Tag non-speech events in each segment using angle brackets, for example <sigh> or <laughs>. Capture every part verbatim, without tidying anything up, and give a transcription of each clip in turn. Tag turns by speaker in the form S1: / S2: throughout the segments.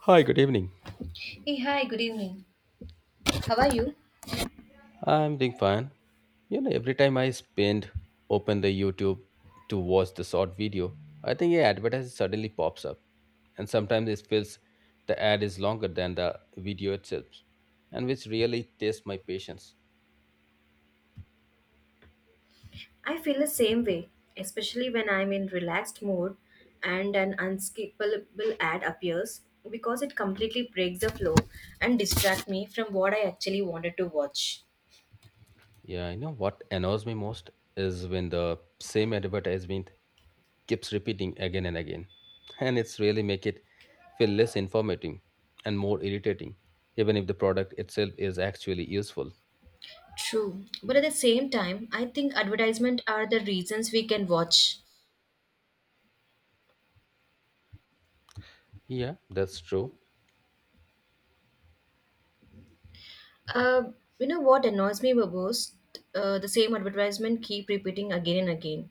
S1: Hi, good evening.
S2: Hey, hi, good evening. How are you?
S1: I'm doing fine. You know, every time I spend open the YouTube to watch the short video, I think a advertisement suddenly pops up, and sometimes it feels the ad is longer than the video itself, and which really tests my patience.
S2: I feel the same way, especially when I'm in relaxed mood and an unskippable ad appears because it completely breaks the flow and distracts me from what I actually wanted to watch.
S1: Yeah, you know what annoys me most is when the same advertisement keeps repeating again and again, and it's really make it feel less informative and more irritating, even if the product itself is actually useful.
S2: True. But at the same time, I think advertisements are the reasons we can watch.
S1: Yeah, that's true.
S2: Uh, you know what annoys me the most? Uh, the same advertisement keep repeating again and again.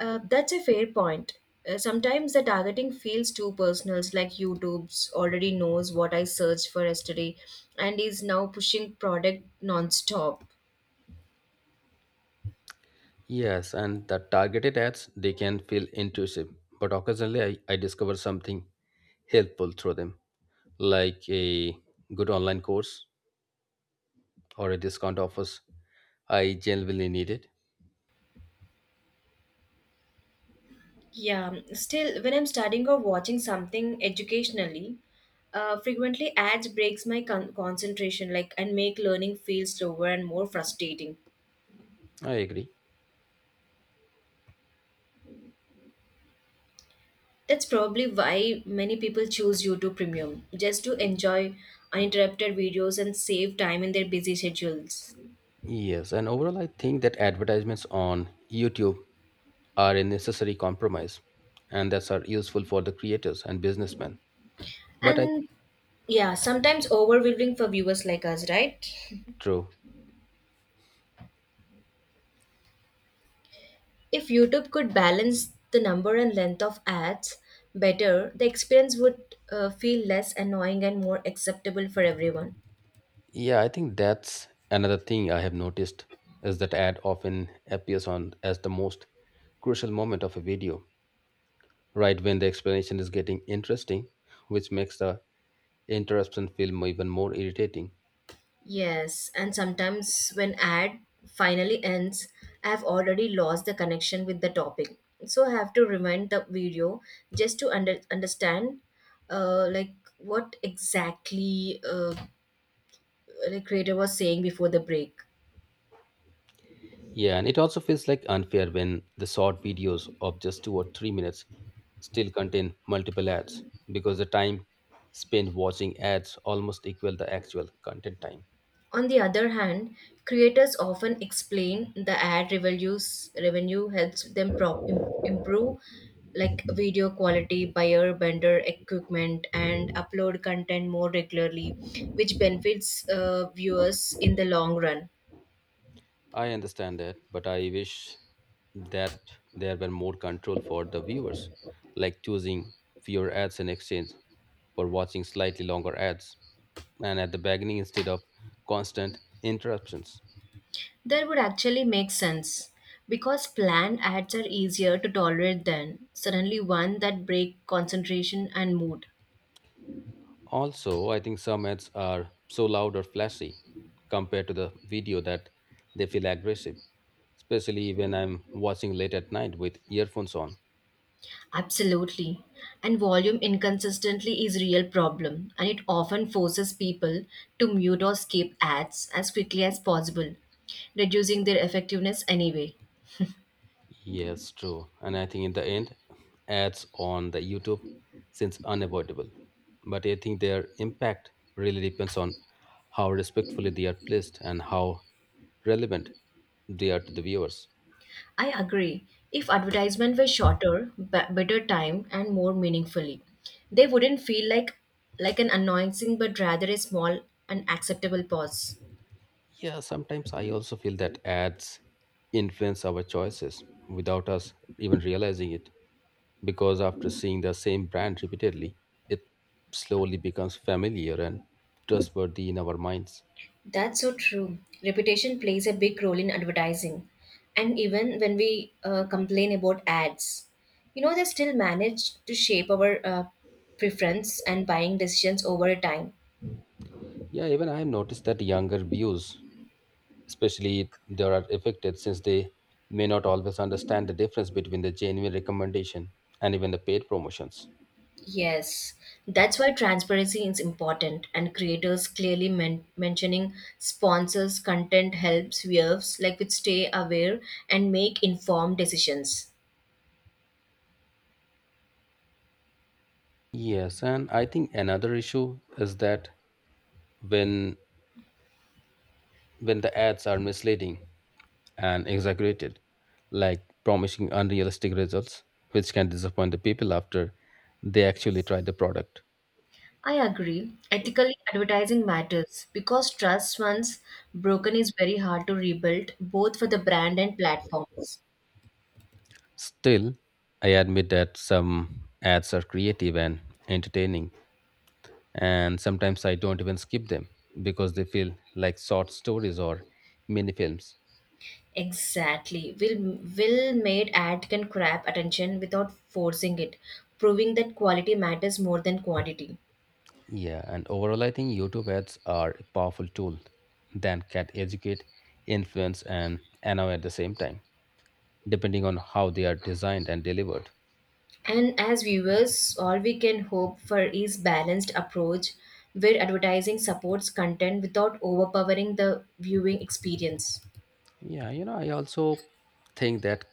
S2: Uh, that's a fair point. Uh, sometimes the targeting feels too personal, like YouTube's already knows what I searched for yesterday and is now pushing product non-stop.
S1: Yes, and the targeted ads, they can feel intrusive, but occasionally I, I discover something helpful through them, like a good online course or a discount offers. I genuinely need it.
S2: Yeah, still, when I'm studying or watching something educationally, uh, frequently ads breaks my con- concentration, like and make learning feel slower and more frustrating.
S1: I agree.
S2: That's probably why many people choose YouTube Premium, just to enjoy uninterrupted videos and save time in their busy schedules.
S1: Yes, and overall, I think that advertisements on YouTube are a necessary compromise, and that's are useful for the creators and businessmen. But I
S2: And yeah, sometimes overwhelming for viewers like us, right?
S1: true.
S2: If YouTube could balance the number and length of ads better, the experience would uh, feel less annoying and more acceptable for everyone.
S1: Yeah, I think that's another thing I have noticed is that ad often appears on as the most crucial moment of a video, right when the explanation is getting interesting, which makes the interruption film even more irritating.
S2: Yes, and sometimes when ad finally ends, I have already lost the connection with the topic. So I have to rewind the video just to under, understand uh, like what exactly uh, the creator was saying before the break.
S1: Yeah, and it also feels like unfair when the short videos of just two or three minutes still contain multiple ads because the time spent watching ads almost equal the actual content time.
S2: On the other hand, creators often explain the ad revenues revenue helps them prop, im- improve like video quality, buyer vendor equipment, and upload content more regularly, which benefits uh, viewers in the long run.
S1: I understand that, but I wish that there were more control for the viewers, like choosing fewer ads in exchange for watching slightly longer ads and at the beginning instead of constant interruptions.
S2: That would actually make sense because planned ads are easier to tolerate than suddenly one that break concentration and mood.
S1: Also, I think some ads are so loud or flashy compared to the video that they feel aggressive, especially when I'm watching late at night with earphones on.
S2: Absolutely. And volume inconsistently is real problem and it often forces people to mute or skip ads as quickly as possible, reducing their effectiveness anyway.
S1: Yes, true. And I think in the end, ads on the YouTube since unavoidable. But I think their impact really depends on how respectfully they are placed and how relevant they are to the viewers.
S2: I agree. If advertisement were shorter, b- better time and more meaningfully, they wouldn't feel like like an annoying but rather a small and acceptable pause.
S1: Yeah, sometimes I also feel that ads influence our choices without us even realizing it. Because after seeing the same brand repeatedly, it slowly becomes familiar and trustworthy in our minds.
S2: That's so true. Reputation plays a big role in advertising. And even when we uh, complain about ads, you know, they still manage to shape our uh, preference and buying decisions over time.
S1: Yeah, even I have noticed that younger views especially they are affected since they may not always understand the difference between the genuine recommendation and even the paid promotions.
S2: Yes, that's why transparency is important, and creators clearly men- mentioning sponsors' content helps viewers like to stay aware and make informed decisions.
S1: Yes, and I think another issue is that when when the ads are misleading and exaggerated, like promising unrealistic results, which can disappoint the people after they actually try the product.
S2: I agree. Ethically, advertising matters because trust once broken is very hard to rebuild, both for the brand and platforms.
S1: Still, I admit that some ads are creative and entertaining and sometimes I don't even skip them because they feel like short stories or mini films.
S2: Exactly. Will will made ad can grab attention without forcing it, proving that quality matters more than quantity.
S1: Yeah, and overall, I think YouTube ads are a powerful tool that can educate, influence, and annoy at the same time, depending on how they are designed and delivered.
S2: And as viewers, all we can hope for is balanced approach where advertising supports content without overpowering the viewing experience.
S1: Yeah, you know, I also think that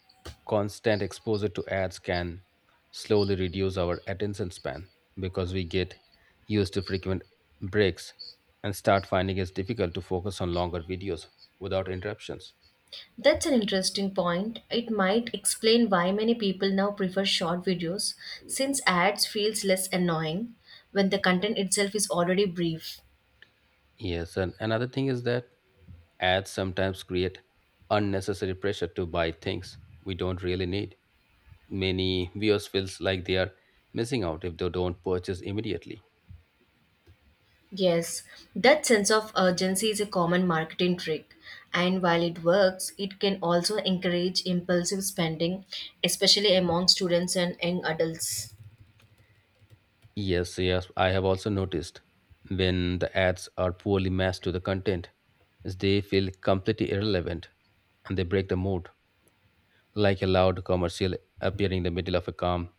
S1: constant exposure to ads can slowly reduce our attention span because we get used to frequent breaks and start finding it's difficult to focus on longer videos without interruptions.
S2: That's an interesting point. It might explain why many people now prefer short videos since ads feels less annoying when the content itself is already brief.
S1: Yes, and another thing is that ads sometimes create unnecessary pressure to buy things we don't really need. Many viewers feels like they are missing out if they don't purchase immediately.
S2: Yes, that sense of urgency is a common marketing trick and while it works, it can also encourage impulsive spending especially among students and young adults.
S1: Yes, yes, I have also noticed when the ads are poorly matched to the content, is they feel completely irrelevant and they break the mood, like a loud commercial appearing in the middle of a calm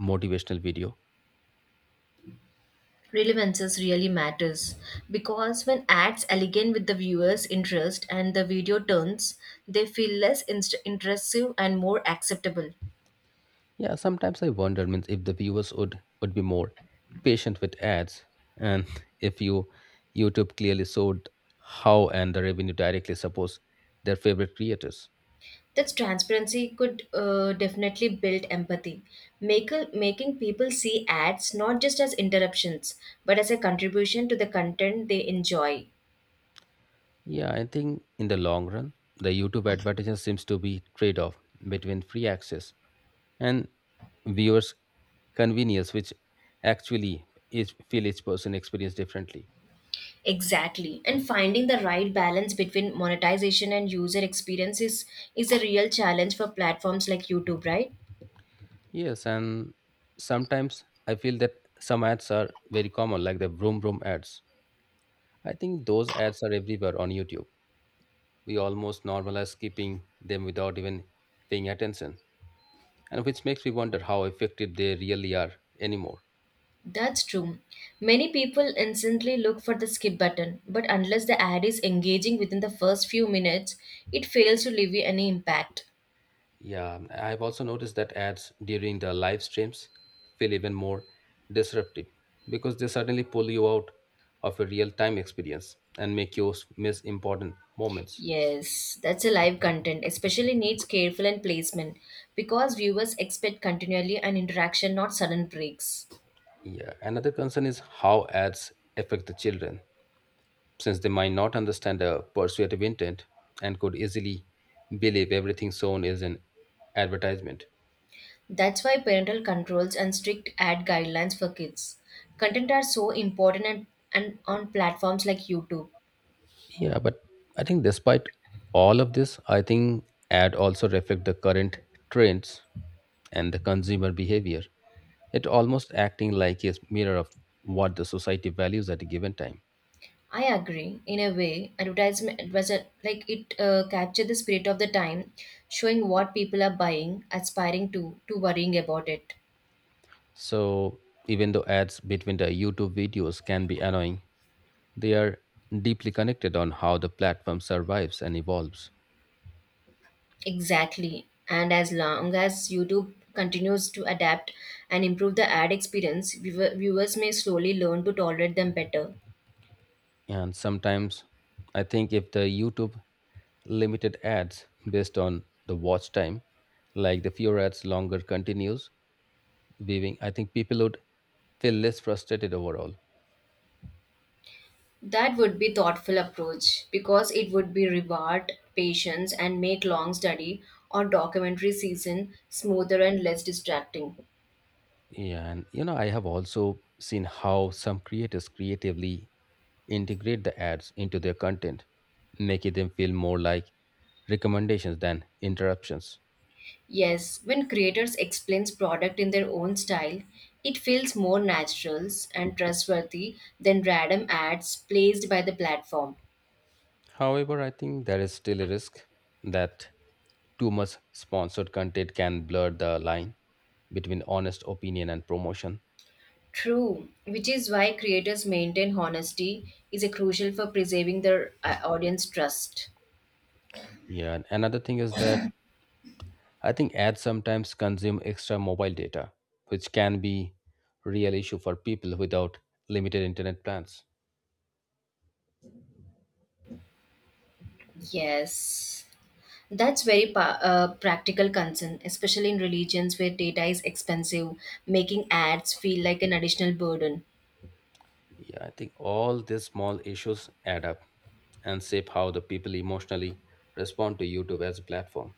S1: motivational video.
S2: Relevances really matters because when acts align with the viewer's interest and the video turns, they feel less inst- intrusive and more acceptable.
S1: Yeah, sometimes I wonder means if the viewers would would be more patient with ads and <laughs> if you YouTube clearly showed how and the revenue directly supports their favorite creators.
S2: That transparency could uh, definitely build empathy, make, making people see ads not just as interruptions but as a contribution to the content they enjoy.
S1: Yeah, I think in the long run, the YouTube advertisement seems to be trade-off between free access and viewers' convenience, which actually each feel each person experience differently.
S2: Exactly. And finding the right balance between monetization and user experience is, is a real challenge for platforms like YouTube, right?
S1: Yes, and sometimes I feel that some ads are very common, like the Vroom Vroom ads. I think those ads are everywhere on YouTube. We almost normalize skipping them without even paying attention, and which makes me wonder how effective they really are anymore.
S2: That's true. Many people instantly look for the skip button, but unless the ad is engaging within the first few minutes, it fails to leave you any impact.
S1: Yeah, I've also noticed that ads during the live streams feel even more disruptive because they suddenly pull you out of a real time experience and make you miss important moments.
S2: Yes, that's a live content, especially needs careful and placement because viewers expect continually an interaction, not sudden breaks.
S1: Yeah, another concern is how ads affect the children since they might not understand the persuasive intent and could easily believe everything shown is an advertisement.
S2: That's why parental controls and strict ad guidelines for kids. Content are so important and, and on platforms like YouTube.
S1: Yeah, but I think despite all of this, I think ad also reflect the current trends and the consumer behavior. It almost acting like a mirror of what the society values at a given time.
S2: I agree. In a way, advertisement was a, like it uh, captured the spirit of the time, showing what people are buying, aspiring to, to worrying about it.
S1: So even though ads between the YouTube videos can be annoying, they are deeply connected on how the platform survives and evolves.
S2: Exactly. And as long as YouTube continues to adapt and improve the ad experience, viewer- viewers may slowly learn to tolerate them better.
S1: And sometimes I think if the YouTube limited ads based on the watch time, like the fewer ads longer continues, weaving, I think people would feel less frustrated overall.
S2: That would be thoughtful approach because it would be reward patience and make long study or documentary season smoother and less distracting.
S1: Yeah, and you know, I have also seen how some creators creatively integrate the ads into their content, making them feel more like recommendations than interruptions.
S2: Yes, when creators explains product in their own style, it feels more natural and trustworthy than random ads placed by the platform.
S1: However, I think there is still a risk that too much sponsored content can blur the line between honest opinion and promotion.
S2: True, which is why creators maintain honesty is a crucial for preserving their uh, audience trust.
S1: Yeah, and another thing is that I think ads sometimes consume extra mobile data, which can be real issue for people without limited internet plans.
S2: Yes. That's very pa- uh, practical concern, especially in religions where data is expensive, making ads feel like an additional burden.
S1: Yeah, I think all these small issues add up and shape how the people emotionally respond to YouTube as a platform.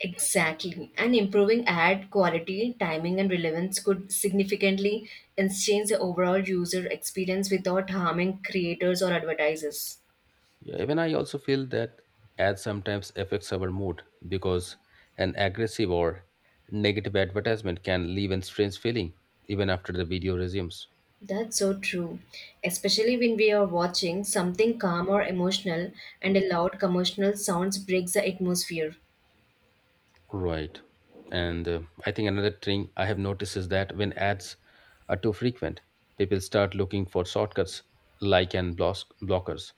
S2: Exactly. And improving ad quality, timing, and relevance could significantly enhance the overall user experience without harming creators or advertisers.
S1: Yeah, even I also feel that ads sometimes affects our mood because an aggressive or negative advertisement can leave a strange feeling even after the video resumes.
S2: That's so true. Especially when we are watching something calm or emotional and a loud commercial sounds breaks the atmosphere.
S1: Right. And uh, I think another thing I have noticed is that when ads are too frequent, people start looking for shortcuts like and blos- blockers,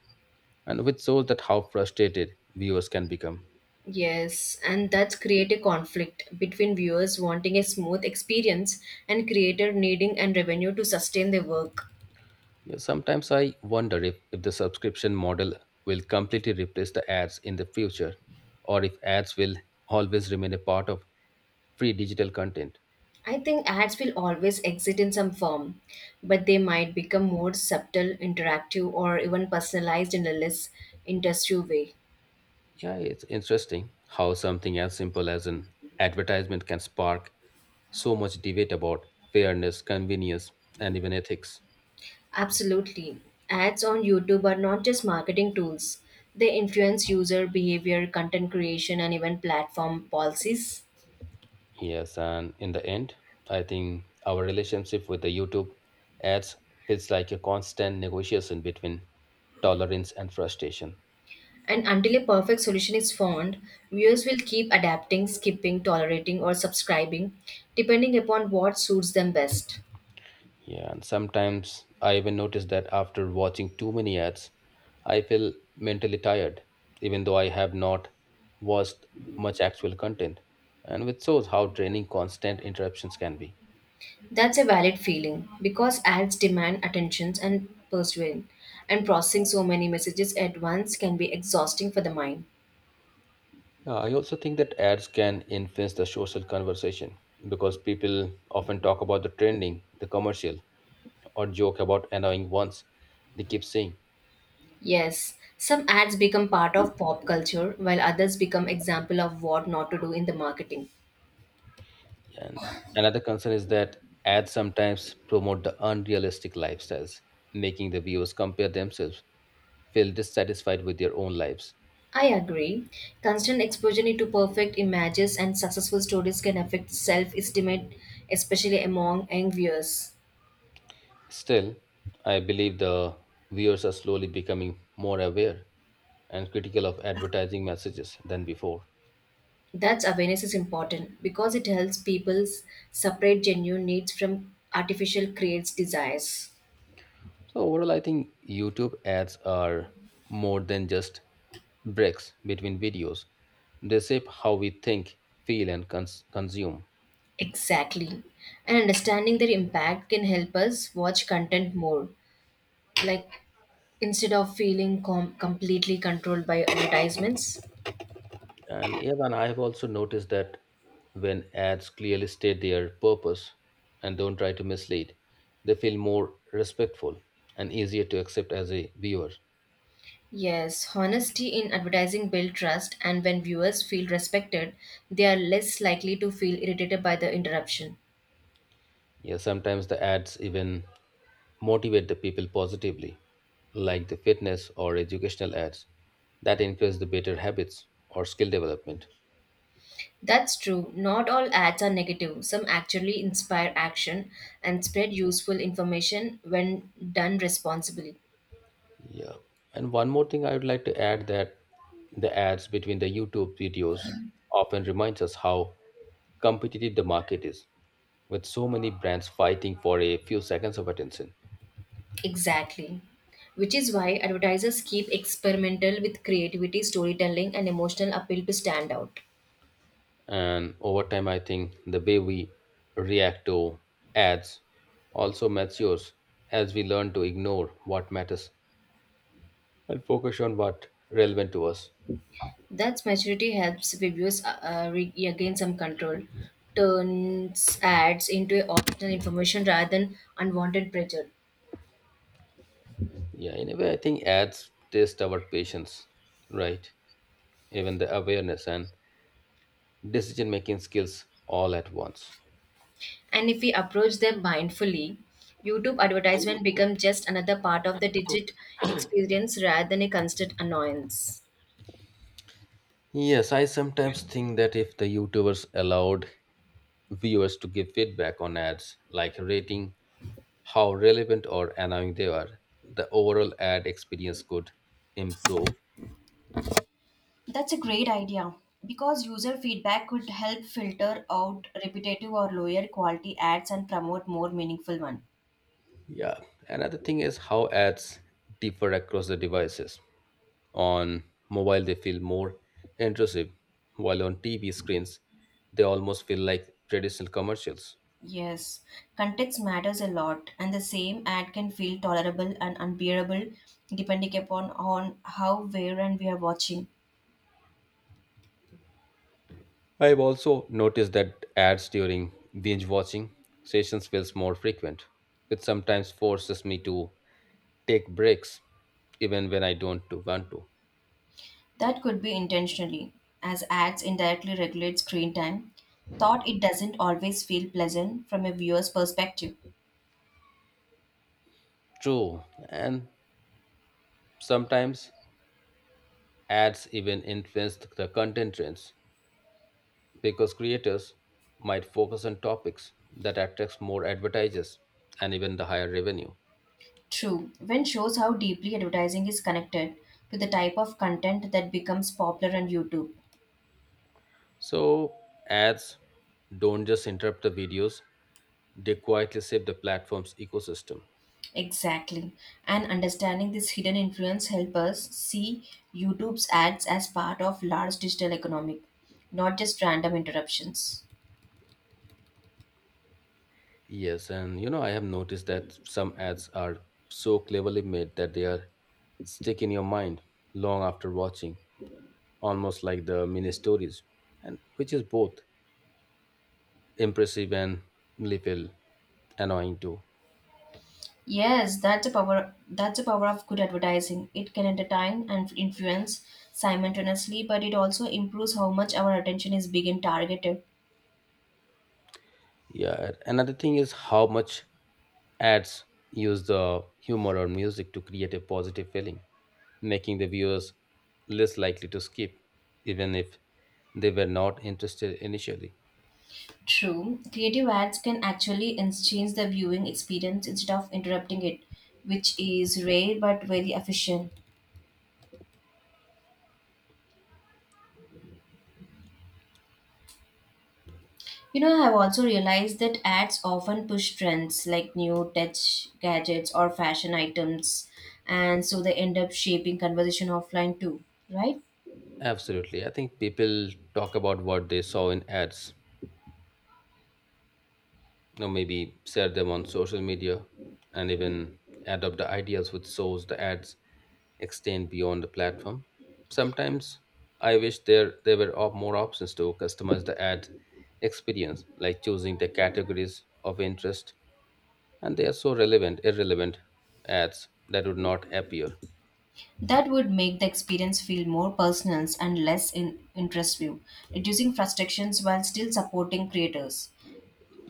S1: and which shows that how frustrated viewers can become.
S2: Yes, and that's create a conflict between viewers wanting a smooth experience and creator needing and revenue to sustain their work.
S1: Yeah, sometimes I wonder if, if the subscription model will completely replace the ads in the future, or if ads will always remain a part of free digital content.
S2: I think ads will always exist in some form, but they might become more subtle, interactive, or even personalized in a less industrial way.
S1: Yeah, it's interesting how something as simple as an advertisement can spark so much debate about fairness, convenience, and even ethics.
S2: Absolutely. Ads on YouTube are not just marketing tools, they influence user behavior, content creation, and even platform policies.
S1: Yes, and in the end, I think our relationship with the YouTube ads feels like a constant negotiation between tolerance and frustration.
S2: And until a perfect solution is found, viewers will keep adapting, skipping, tolerating, or subscribing, depending upon what suits them best.
S1: Yeah, and sometimes I even notice that after watching too many ads, I feel mentally tired, even though I have not watched much actual content, and which shows how draining constant interruptions can be.
S2: That's a valid feeling because ads demand attentions and persuasion, and processing so many messages at once can be exhausting for the mind.
S1: Uh, I also think that ads can influence the social conversation because people often talk about the trending, the commercial, or joke about annoying ones they keep seeing.
S2: Yes, some ads become part of pop culture while others become example of what not to do in the marketing.
S1: Yeah. And another concern is that ads sometimes promote the unrealistic lifestyles, making the viewers compare themselves, feel dissatisfied with their own lives.
S2: I agree. Constant exposure to perfect images and successful stories can affect self-estimate, especially among young viewers.
S1: Still, I believe the viewers are slowly becoming more aware and critical of advertising messages than before.
S2: That's awareness is important because it helps people s- separate genuine needs from artificial creates desires.
S1: So, overall, I think YouTube ads are more than just breaks between videos, they shape how we think, feel, and cons- consume.
S2: Exactly. And understanding their impact can help us watch content more, like instead of feeling com- completely controlled by advertisements.
S1: And even I have also noticed that when ads clearly state their purpose and don't try to mislead, they feel more respectful and easier to accept as a viewer.
S2: Yes, honesty in advertising builds trust, and when viewers feel respected, they are less likely to feel irritated by the interruption.
S1: Yeah, sometimes the ads even motivate the people positively, like the fitness or educational ads that encourage the better habits or skill development.
S2: That's true. Not all ads are negative. Some actually inspire action and spread useful information when done responsibly.
S1: Yeah. And one more thing I would like to add that the ads between the YouTube videos often reminds us how competitive the market is, with so many brands fighting for a few seconds of attention.
S2: Exactly. Which is why advertisers keep experimental with creativity, storytelling, and emotional appeal to stand out.
S1: And over time, I think the way we react to ads also matures as we learn to ignore what matters and focus on what relevant to us.
S2: That's maturity helps reviewers uh, uh, re- regain some control, turns ads into optional information rather than unwanted pressure.
S1: Yeah, in a way, I think ads test our patience, right? Even the awareness and decision making skills all at once.
S2: And if we approach them mindfully, youtube advertisement become just another part of the digit experience rather than a constant annoyance.
S1: Yes, I sometimes think that if the YouTubers allowed viewers to give feedback on ads, like rating how relevant or annoying they are, the overall ad experience could improve.
S2: That's a great idea because user feedback could help filter out repetitive or lower quality ads and promote more meaningful ones.
S1: Yeah, another thing is how ads differ across the devices. On mobile, they feel more intrusive, while on T V screens, they almost feel like traditional commercials.
S2: Yes, context matters a lot and the same ad can feel tolerable and unbearable depending upon on how where and we are watching.
S1: I've also noticed that ads during binge watching sessions feels more frequent, which sometimes forces me to take breaks even when I don't to want to.
S2: That could be intentionally, as ads indirectly regulate screen time. Thought it doesn't always feel pleasant from a viewer's perspective.
S1: True, and sometimes ads even influence the content trends because creators might focus on topics that attracts more advertisers and even the higher revenue.
S2: True, when shows how deeply advertising is connected to the type of content that becomes popular on YouTube.
S1: So ads don't just interrupt the videos, they quietly shape the platform's ecosystem.
S2: Exactly. And understanding this hidden influence help us see YouTube's ads as part of large digital economic, not just random interruptions.
S1: Yes, and you know, I have noticed that some ads are so cleverly made that they are stick in your mind long after watching, almost like the mini stories, and which is both impressive and little annoying too.
S2: Yes, that's the power that's the power of good advertising. It can entertain and influence simultaneously, but it also improves how much our attention is big and targeted.
S1: Yeah, another thing is how much ads use the humor or music to create a positive feeling, making the viewers less likely to skip, even if they were not interested initially.
S2: True, creative ads can actually ins- change the viewing experience instead of interrupting it, which is rare but very efficient. You know, I have also realized that ads often push trends like new tech gadgets or fashion items, and so they end up shaping conversation offline too, right?
S1: Absolutely. I think people talk about what they saw in ads, or maybe share them on social media, and even adopt the ideas which shows the ads extend beyond the platform. Sometimes I wish there there were op- more options to customize the ad experience, like choosing the categories of interest, and they are so relevant, irrelevant ads that would not appear.
S2: That would make the experience feel more personal and less in- intrusive, reducing frustrations while still supporting creators.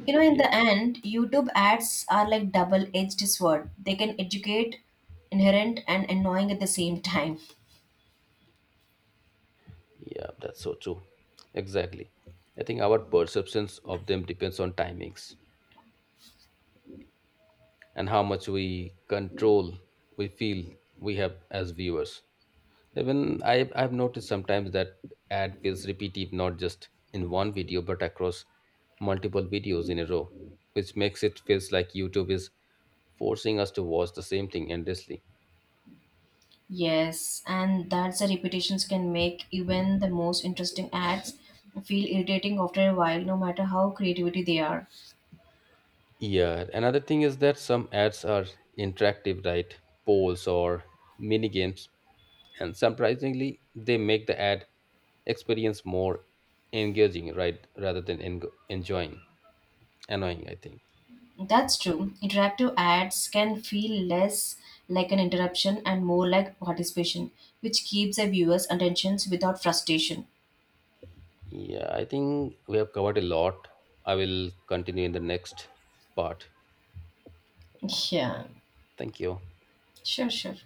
S2: You know, in
S1: Yeah.
S2: the end, YouTube ads are like double-edged sword. They can educate, inherent, and annoying at the same time.
S1: Yeah, that's so true. Exactly. I think our perceptions of them depends on timings and how much we control we feel we have as viewers. Even I I've noticed sometimes that ad feels repetitive not just in one video but across multiple videos in a row, which makes it feels like YouTube is forcing us to watch the same thing endlessly.
S2: Yes, and that's the repetitions can make even the most interesting ads feel irritating after a while, no matter how creativity they are.
S1: Yeah, another thing is that some ads are interactive, right? Polls or mini games, and surprisingly, they make the ad experience more engaging, right, rather than en- enjoying, annoying. I think.
S2: That's true. Interactive ads can feel less like an interruption and more like participation, which keeps the viewers' attentions without frustration.
S1: Yeah, I think we have covered a lot. I will continue in the next part.
S2: Yeah,
S1: Thank you.
S2: sure, sure.